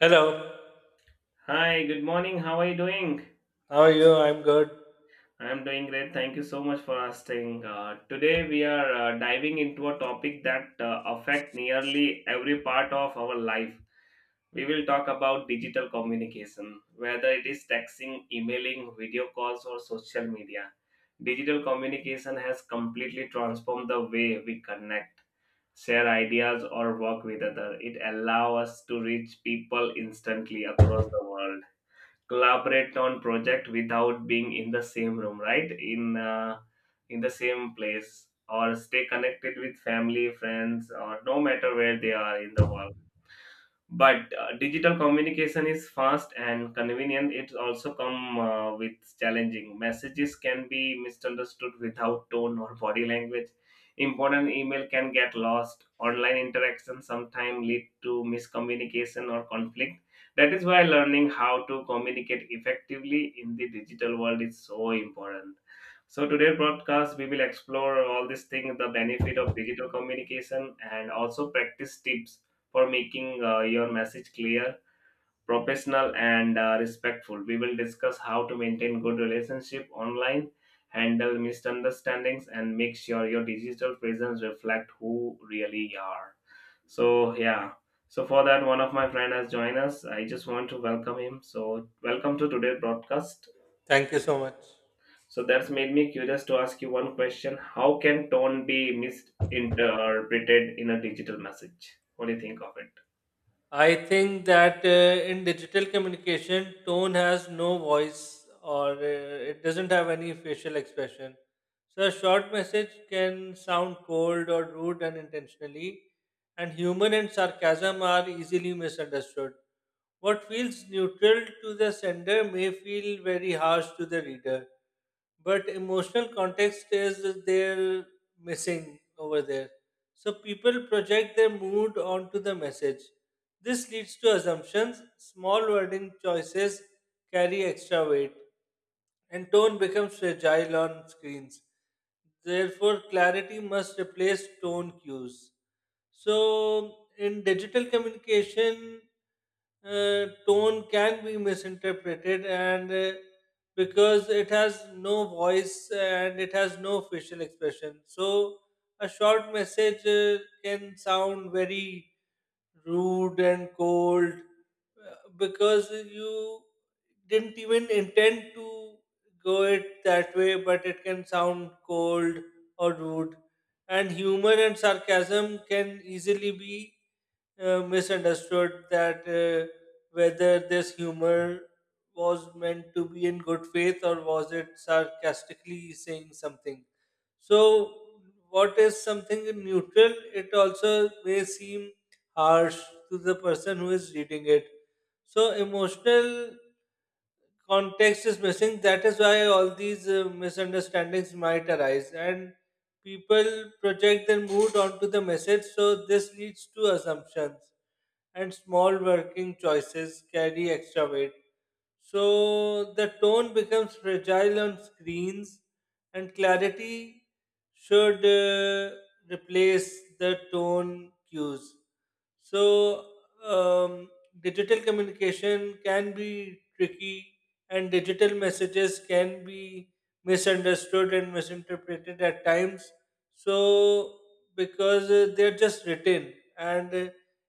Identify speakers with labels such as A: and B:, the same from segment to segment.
A: Hello,
B: Hi, good morning. How are you doing?
A: how are you? I'm good.
B: I'm doing great. Thank you so much for asking. Today we are diving into a topic that affect nearly every part of our life. We will talk about digital communication, whether it is texting, emailing, video calls, or social media. Digital communication has completely transformed the way we connect, share ideas, or work with others. It allows us to reach people instantly across the world, collaborate on project without being in the same room, right, in the same place, or stay connected with family, friends, or no matter where they are in the world. But digital communication is fast and convenient. It also come with challenging. Messages can be misunderstood without tone or body language. Important email can get lost. Online interaction sometimes lead to miscommunication or conflict. That is why learning how to communicate effectively in the digital world is so important. So today broadcast we will explore all these things, the benefit of digital communication, and also practice tips for making your message clear, professional, and respectful. We will discuss how to maintain good relationship online, handle misunderstandings, and make sure your digital presence reflect who really are. So yeah. So for that, one of my friend has joined us. I just want to welcome him. So welcome to today's broadcast.
A: Thank you so much.
B: So that's made me curious to ask you one question: how can tone be misinterpreted in a digital message? What do you think of it?
A: I think that in digital communication, tone has no voice or it doesn't have any facial expression. So, a short message can sound cold or rude unintentionally, and humor and sarcasm are easily misunderstood. What feels neutral to the sender may feel very harsh to the reader, but emotional context is there missing over there. So people project their mood onto the message. This leads to assumptions. Small wording choices carry extra weight and tone becomes fragile on screens. Therefore, clarity must replace tone cues. So, in digital communication, tone can be misinterpreted, and because it has no voice and it has no facial expression, so a short message can sound very rude and cold because you didn't even intend to go it that way, but it can sound cold or rude. And humor and sarcasm can easily be misunderstood that whether this humor was meant to be in good faith or was it sarcastically saying something. So, what is something neutral, it also may seem harsh to the person who is reading it. So, emotional context is missing. That is why all these misunderstandings might arise, and people project their mood onto the message. So this leads to assumptions, and small working choices carry extra weight. So the tone becomes fragile on screens, and clarity should replace the tone cues. So, um, digital communication can be tricky, and digital messages can be misunderstood and misinterpreted at times. So, because they're just written, and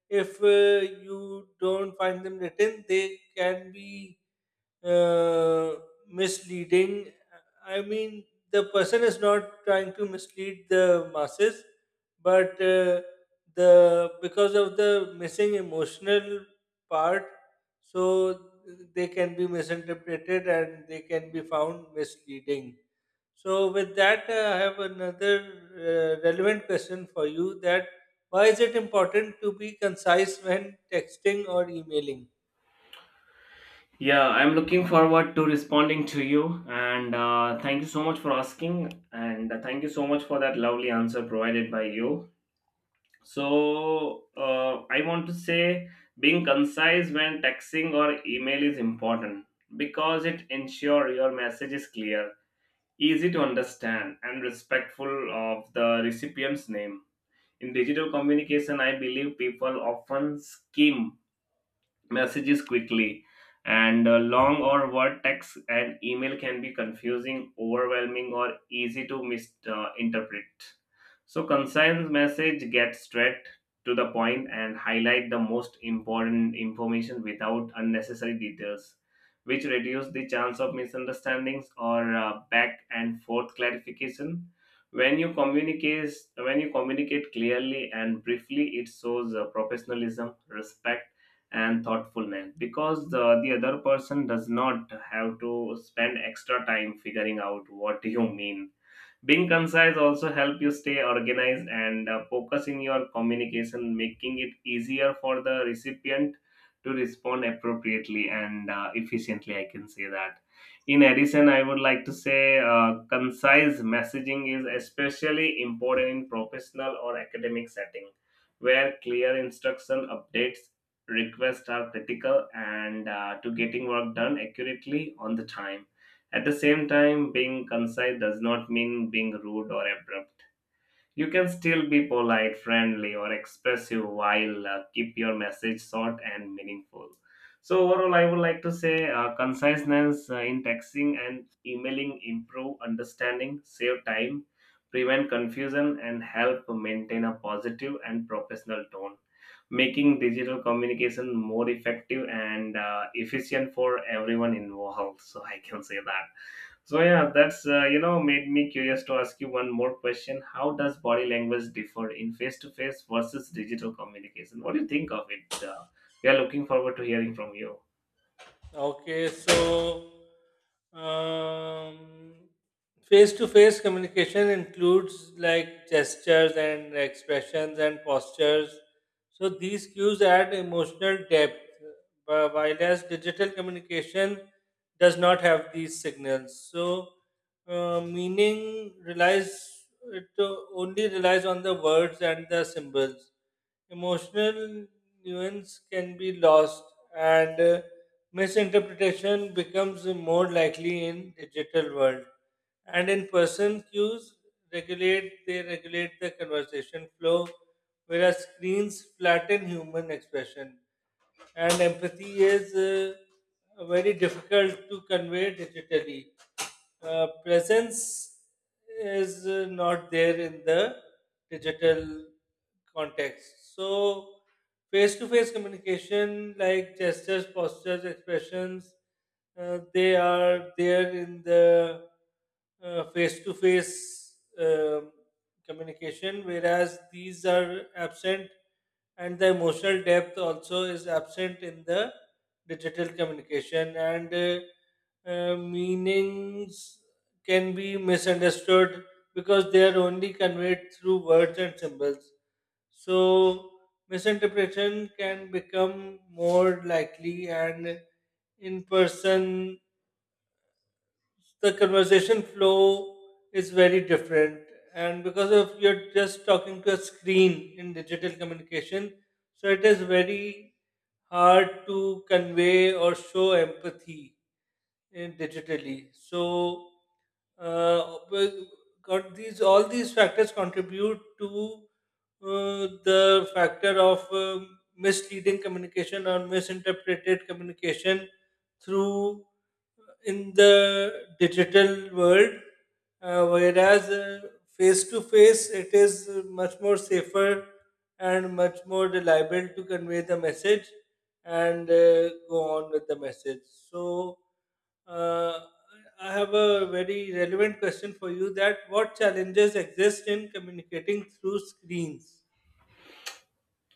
A: if you don't find them written, they can be uh, misleading. I mean, the person is not trying to mislead the masses, but the because of the missing emotional part, so they can be misinterpreted and they can be found misleading. So, with that, I have another relevant question for you: that why is it important to be concise when texting or emailing?
B: Yeah, I'm looking forward to responding to you, and thank you so much for asking, and thank you so much for that lovely answer provided by you. So, I want to say being concise when texting or email is important because it ensures your message is clear, easy to understand, and respectful of the recipient's name. In digital communication, I believe people often skim messages quickly, and long or word text and email can be confusing, overwhelming, or easy to misinterpret. So concise message gets straight to the point and highlight the most important information without unnecessary details, which reduce the chance of misunderstandings or back and forth clarification. When you communicate when you communicate clearly and briefly, it shows professionalism, respect, and thoughtfulness, because the other person does not have to spend extra time figuring out what you mean. Being concise also help you stay organized and focus in your communication, making it easier for the recipient to respond appropriately and efficiently. I can say that. In addition, I would like to say concise messaging is especially important in professional or academic setting, where clear instruction, updates, requests are critical and to getting work done accurately on the time. At the same time, being concise does not mean being rude or abrupt. You can still be polite, friendly, or expressive while keep your message short and meaningful. So overall, I would like to say conciseness in texting and emailing improve understanding, save time, prevent confusion, and help maintain a positive and professional tone, making digital communication more effective and efficient for everyone involved. So I can say that. So yeah, that's made me curious to ask you one more question: how does body language differ in face to face versus digital communication? What do you think of it? We are looking forward to hearing from you.
A: Okay, so um, face-to-face communication includes like gestures and expressions and postures. So these cues add emotional depth, while as digital communication does not have these signals. So meaning relies it only relies on the words and the symbols. Emotional nuance can be lost and misinterpretation becomes more likely in digital world, and in person cues regulate they regulate the conversation flow, whereas screens flatten human expression and empathy is very difficult to convey digitally. Presence is not there in the digital context. So, face to face communication, like gestures, postures, expressions, they are there in the face to face communication, whereas these are absent, and the emotional depth also is absent in the digital communication, and meanings can be misunderstood because they are only conveyed through words and symbols. So misinterpretation can become more likely, and in person, the conversation flow is very different. And because of you're just talking to a screen in digital communication, so it is very hard to convey or show empathy in digitally. So but got these all these factors contribute to the factor of misleading communication or misinterpreted communication through in the digital world, whereas face to face it is much more safer and much more reliable to convey the message and go on with the message. So, uh, I have a very relevant question for you that what challenges exist in communicating through screens?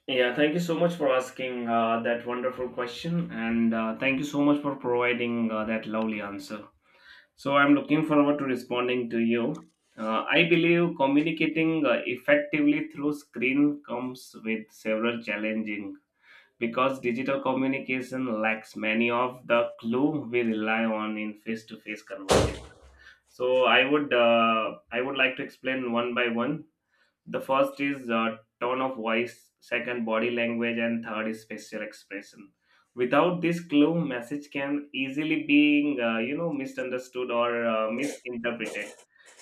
B: Yeah, thank you so much for asking that wonderful question, and thank you so much for providing that lovely answer. So I'm looking forward to responding to you. I believe communicating effectively through screen comes with several challenging, because digital communication lacks many of the clue we rely on in face-to-face conversation. So I would like to explain one by one. The first is tone of voice, second, body language, and third is facial expression. Without this clue, message can easily being misunderstood or misinterpreted,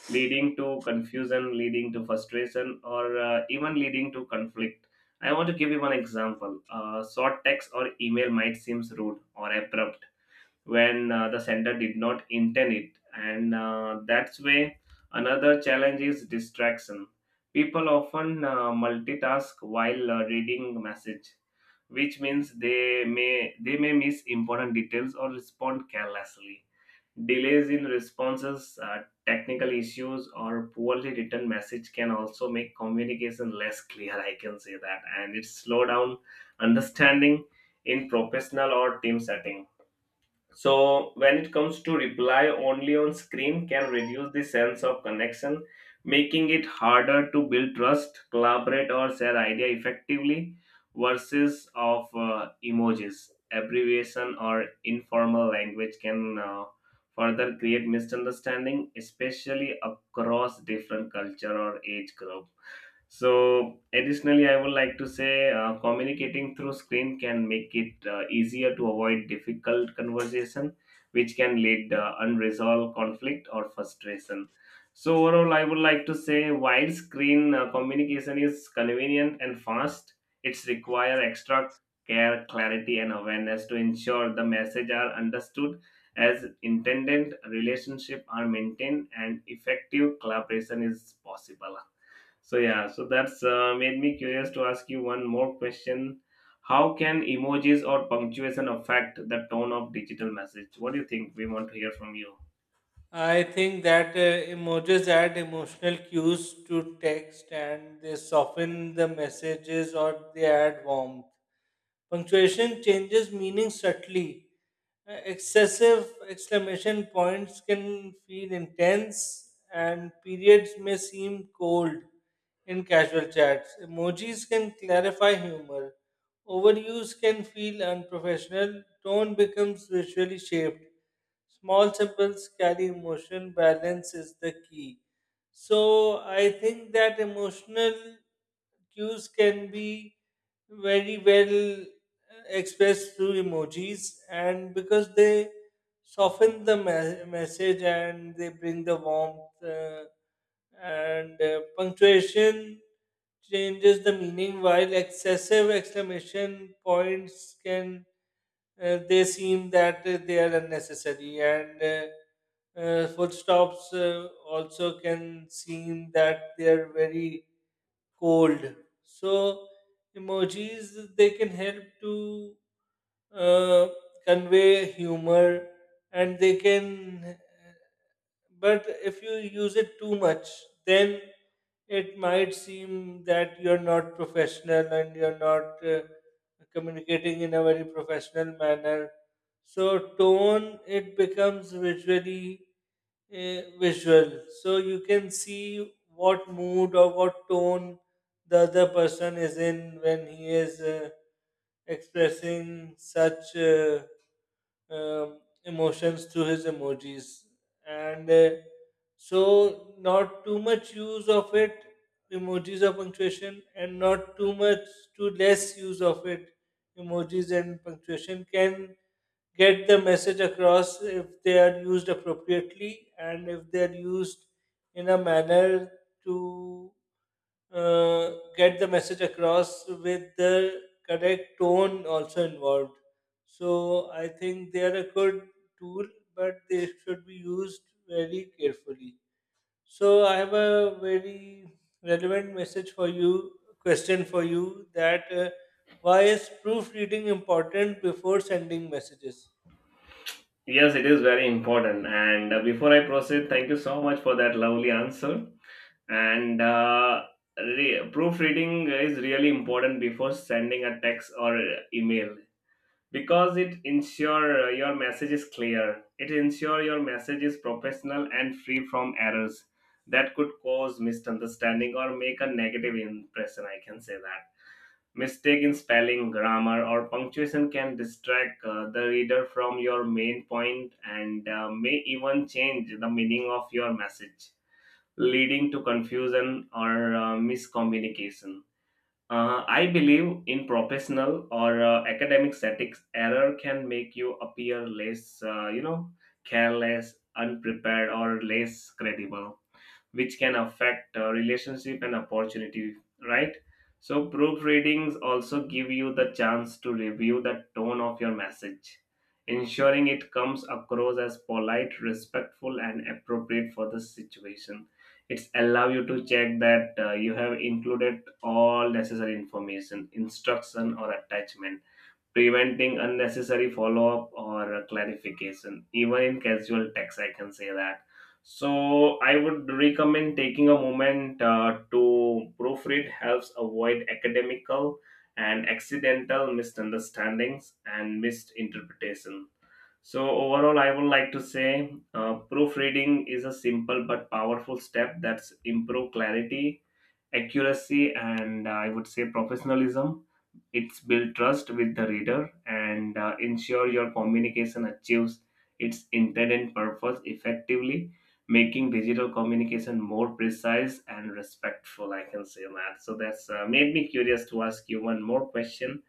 B: leading to confusion, leading to frustration, or even leading to conflict. I want to give you one example. Short text or email might seem rude or abrupt when the sender did not intend it. And that's where another challenge is distraction. People often multitask while reading message, which means they may miss important details or respond carelessly. Delays in responses, technical issues, or poorly written message can also make communication less clear. I can say that, and it slow down understanding in professional or team setting. So when it comes to reply only on screen can reduce the sense of connection, making it harder to build trust, collaborate, or share idea effectively. Versus of emojis, abbreviation, or informal language can further create misunderstanding, especially across different culture or age group. So, additionally, I would like to say communicating through screen can make it easier to avoid difficult conversation, which can lead unresolved conflict or frustration. So, overall, I would like to say while screen communication is convenient and fast, it's require extra care, clarity, and awareness to ensure the message are understood as intended, relationship are maintained, and effective collaboration is possible. So yeah, so that's made me curious to ask you one more question. How can emojis or punctuation affect the tone of digital message? What do you think? We want to hear from you.
A: I think that emojis add emotional cues to text and they soften the messages or they add warmth. Punctuation changes meaning subtly. Excessive exclamation points can feel intense and periods may seem cold in casual chats. Emojis can clarify humor. Overuse can feel unprofessional. Tone becomes visually shaped. Small symbols carry emotion, balance is the key. So I think that emotional cues can be very well expressed through emojis, and because they soften the message and they bring the warmth, and punctuation changes the meaning, while excessive exclamation points can they seem that they are unnecessary and foot stops also can seem that they are very cold. So emojis they can help to uh, convey humor and they can, but if you use it too much, then it might seem that you're not professional and you're not communicating in a very professional manner. So tone it becomes visually visual, so you can see what mood or what tone the other person is in when he is expressing such emotions through his emojis and so not too much use of it, emojis of punctuation, and not too much too less use of it. Emojis and punctuation can get the message across if they are used appropriately and if they are used in a manner to get the message across with the correct tone also involved. So I think they are a good tool, but they should be used very carefully. So I have a very relevant message for you, question for you that why is proofreading important before sending messages?
B: Yes, it is very important. And before I proceed, thank you so much for that lovely answer. And uh, Proofreading is really important before sending a text or email, because it ensure your message is clear. It ensure your message is professional and free from errors that could cause misunderstanding or make a negative impression. I can say that. Mistake in spelling, grammar, or punctuation can distract the reader from your main point, and may even change the meaning of your message, leading to confusion or miscommunication. I believe in professional or academic settings, error can make you appear less, careless, unprepared, or less credible, which can affect relationship and opportunity, right? So proofreadings also give you the chance to review the tone of your message, ensuring it comes across as polite, respectful, and appropriate for the situation. It's allow you to check that you have included all necessary information, instruction, or attachment, preventing unnecessary follow-up or clarification even in casual text. I can say that. So I would recommend taking a moment to proofread helps avoid academical and accidental misunderstandings and misinterpretation. So overall I would like to say proofreading is a simple but powerful step that's improve clarity, accuracy, and I would say professionalism. It's build trust with the reader and ensure your communication achieves its intended purpose effectively, making digital communication more precise and respectful. I can say that. So that's made me curious to ask you one more question.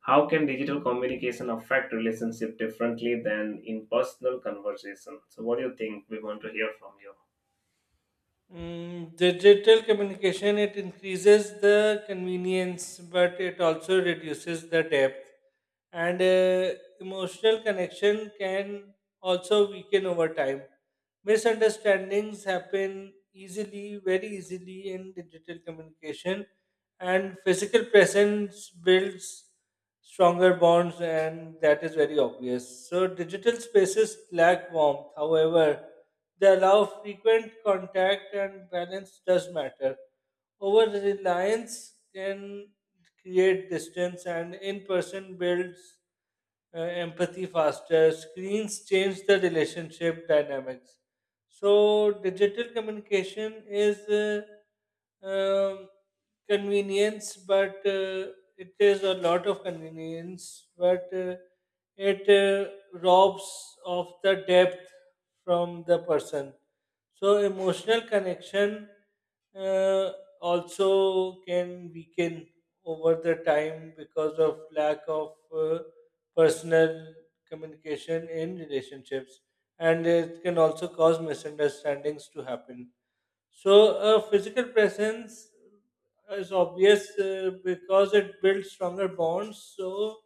B: How can digital communication affect relationship differently than in personal conversation? So what do you think? We want to hear from you.
A: Mm, digital communication it increases the convenience, but it also reduces the depth. And emotional connection can also weaken over time. Misunderstandings happen easily, very easily in digital communication, and physical presence builds stronger bonds, and that is very obvious. So, digital spaces lack warmth. However, they allow frequent contact, and balance does matter. Over reliance can create distance, and in person builds empathy faster. Screens change the relationship dynamics. So digital communication is um, convenience, but it is a lot of convenience, but it robs of the depth from the person. So emotional connection uh, also can weaken over the time because of lack of. Personal communication in relationships, and it can also cause misunderstandings to happen. So, a physical presence is obvious because it builds stronger bonds. So,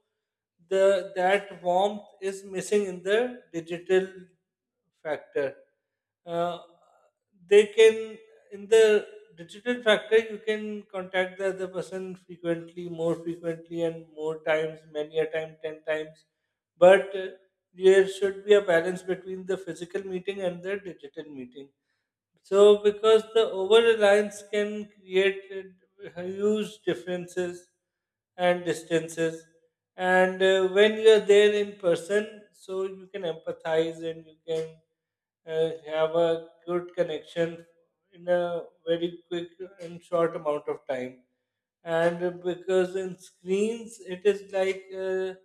A: the that warmth is missing in the digital factor. Uh, they can in the digital factor you can contact the other person frequently, more frequently, and more times, many a time, ten times, but there should be a balance between the physical meeting and the digital meeting. So, because the over reliance can create huge differences and distances, and when you're there in person, so you can empathize and you can have a good connection in a very quick and short amount of time. And because in screens, it is like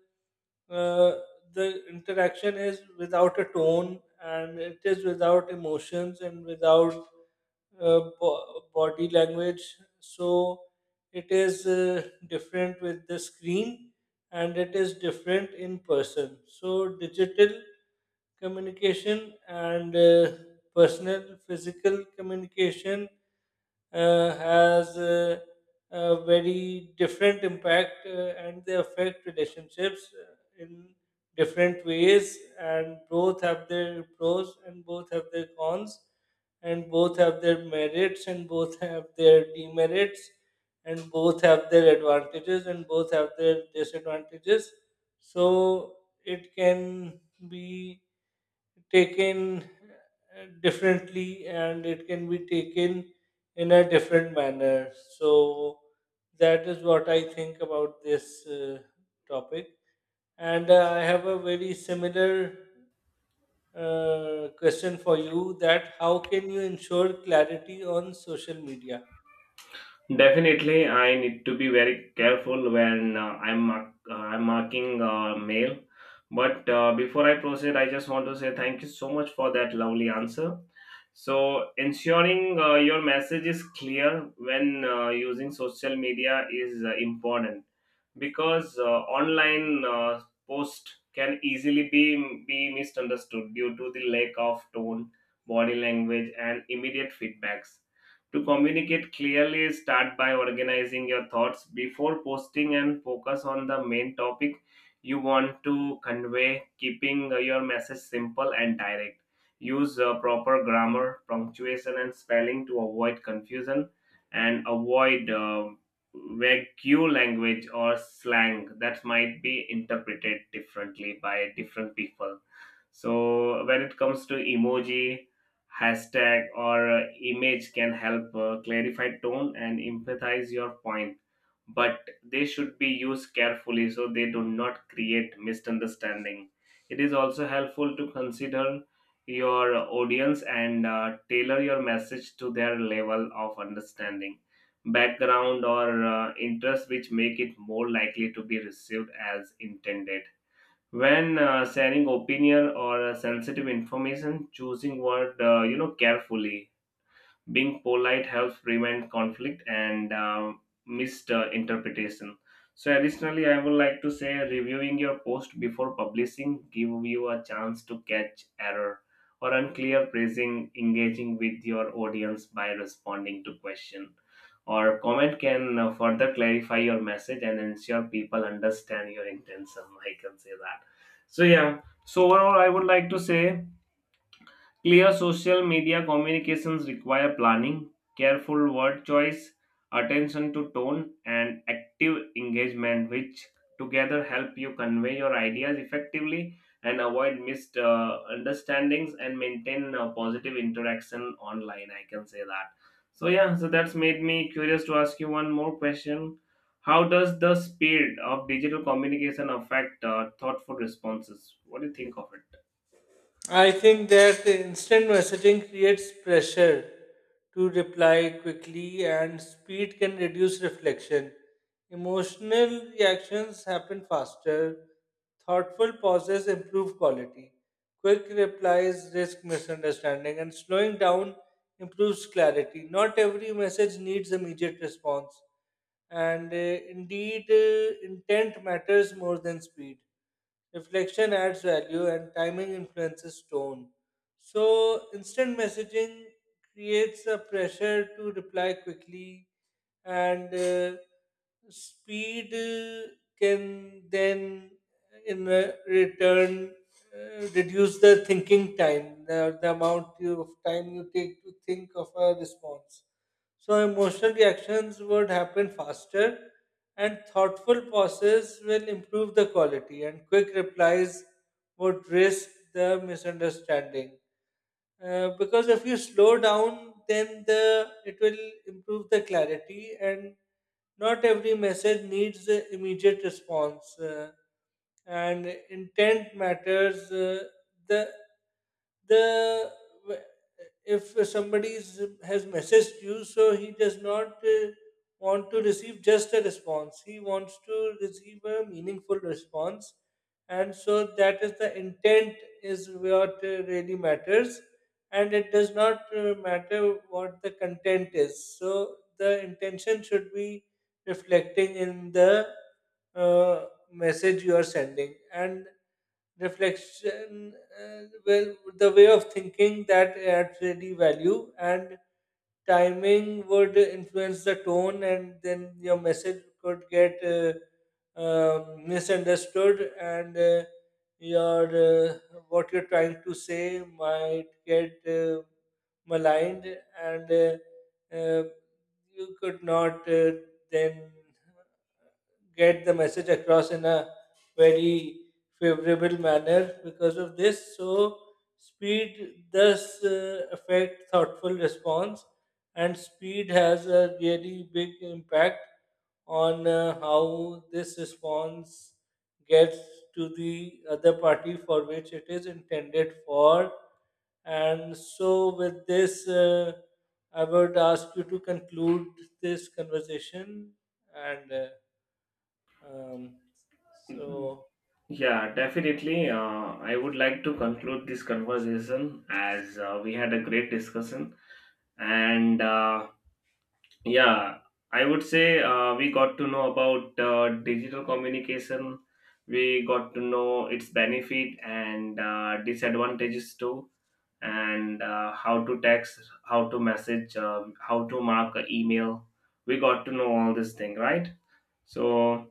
A: uh, the interaction is without a tone and it is without emotions and without body language. So it is different with the screen and it is different in person. So, digital communication and personal physical communication has a very different impact, and they affect relationships in different ways, and both have their pros and both have their cons and both have their merits and both have their demerits and both have their advantages and both have their disadvantages. So it can be taken differently and it can be taken in a different manner. So that is what I think about this topic. And I have a very similar question for you that how can you ensure clarity on social media?
B: Definitely, I need to be very careful when I'm marking mail. But before I proceed, I just want to say thank you so much for that lovely answer. So, ensuring your message is clear when using social media is important, because online post can easily be misunderstood due to the lack of tone, body language, and immediate feedbacks. To communicate clearly, start by organizing your thoughts before posting and focus on the main topic you want to convey, keeping your message simple and direct. Use proper grammar, punctuation, and spelling to avoid confusion, and avoid vague language or slang that might be interpreted differently by different people. So, when it comes to emoji, hashtag, or image can help clarify tone and empathize your point, but they should be used carefully so they do not create misunderstanding. It is also helpful to consider your audience and tailor your message to their level of understanding, background, or interest, which make it more likely to be received as intended. When sharing opinion or sensitive information, choosing word carefully, being polite helps prevent conflict and misinterpretation. So additionally I would like to say reviewing your post before publishing give you a chance to catch error or unclear phrasing. Engaging with your audience by responding to question or comment can further clarify your message and ensure people understand your intention. I can say that. So yeah, so overall I would like to say clear social media communications require planning, careful word choice, attention to tone, and active engagement, which together help you convey your ideas effectively and avoid misunderstandings and maintain a positive interaction online. I can say that. So, yeah, so that's made me curious to ask you one more question. How does the speed of digital communication affect thoughtful responses? What do you think of
A: I think that the instant messaging creates pressure to reply quickly, and speed can reduce reflection. Emotional reactions happen faster. Thoughtful pauses improve quality. Quick replies risk misunderstanding, and slowing down improves clarity. Not every message needs immediate response, and indeed, intent matters more than speed. Reflection adds value and timing influences tone. So, instant messaging creates a pressure to reply quickly, and speed can then, in return, reduce the thinking time, the amount of time you take to think of a response. So emotional reactions would happen faster, and thoughtful pauses will improve the quality, and quick replies would risk the misunderstanding because if you slow down then the it will improve the clarity and not every message needs immediate response, and intent matters, the the if somebody has messaged you so he does not want to receive just a response, he wants to receive a meaningful response, and so that is the intent is what really matters, and it does not matter what the content is. So the intention should be reflecting in the uh, message you are sending, and reflection, well, the way of thinking that adds really value, and timing would influence the tone, and then your message could get. Misunderstood and your what you're trying to say might get maligned, and uh, you could not then get the message across in a very favorable manner because of this. So, speed does affect thoughtful response, and speed has a really big impact on how this response gets to the other party for which it is intended for. And so, with this, I would ask you to conclude this conversation and. Um,
B: it?
A: so,
B: Yeah, definitely. I would like to conclude this conversation as we had a great discussion. And yeah, I would say we got to know about digital communication, we got to know its benefit and disadvantages too, and how to text, how to message, how to mark an email. We got to know all this thing, right? So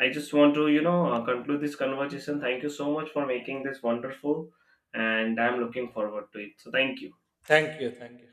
B: I just want to, you know, conclude this conversation. Thank you so much for making this wonderful, and I'm looking forward to it. So, thank you.
A: Thank you. Thank you.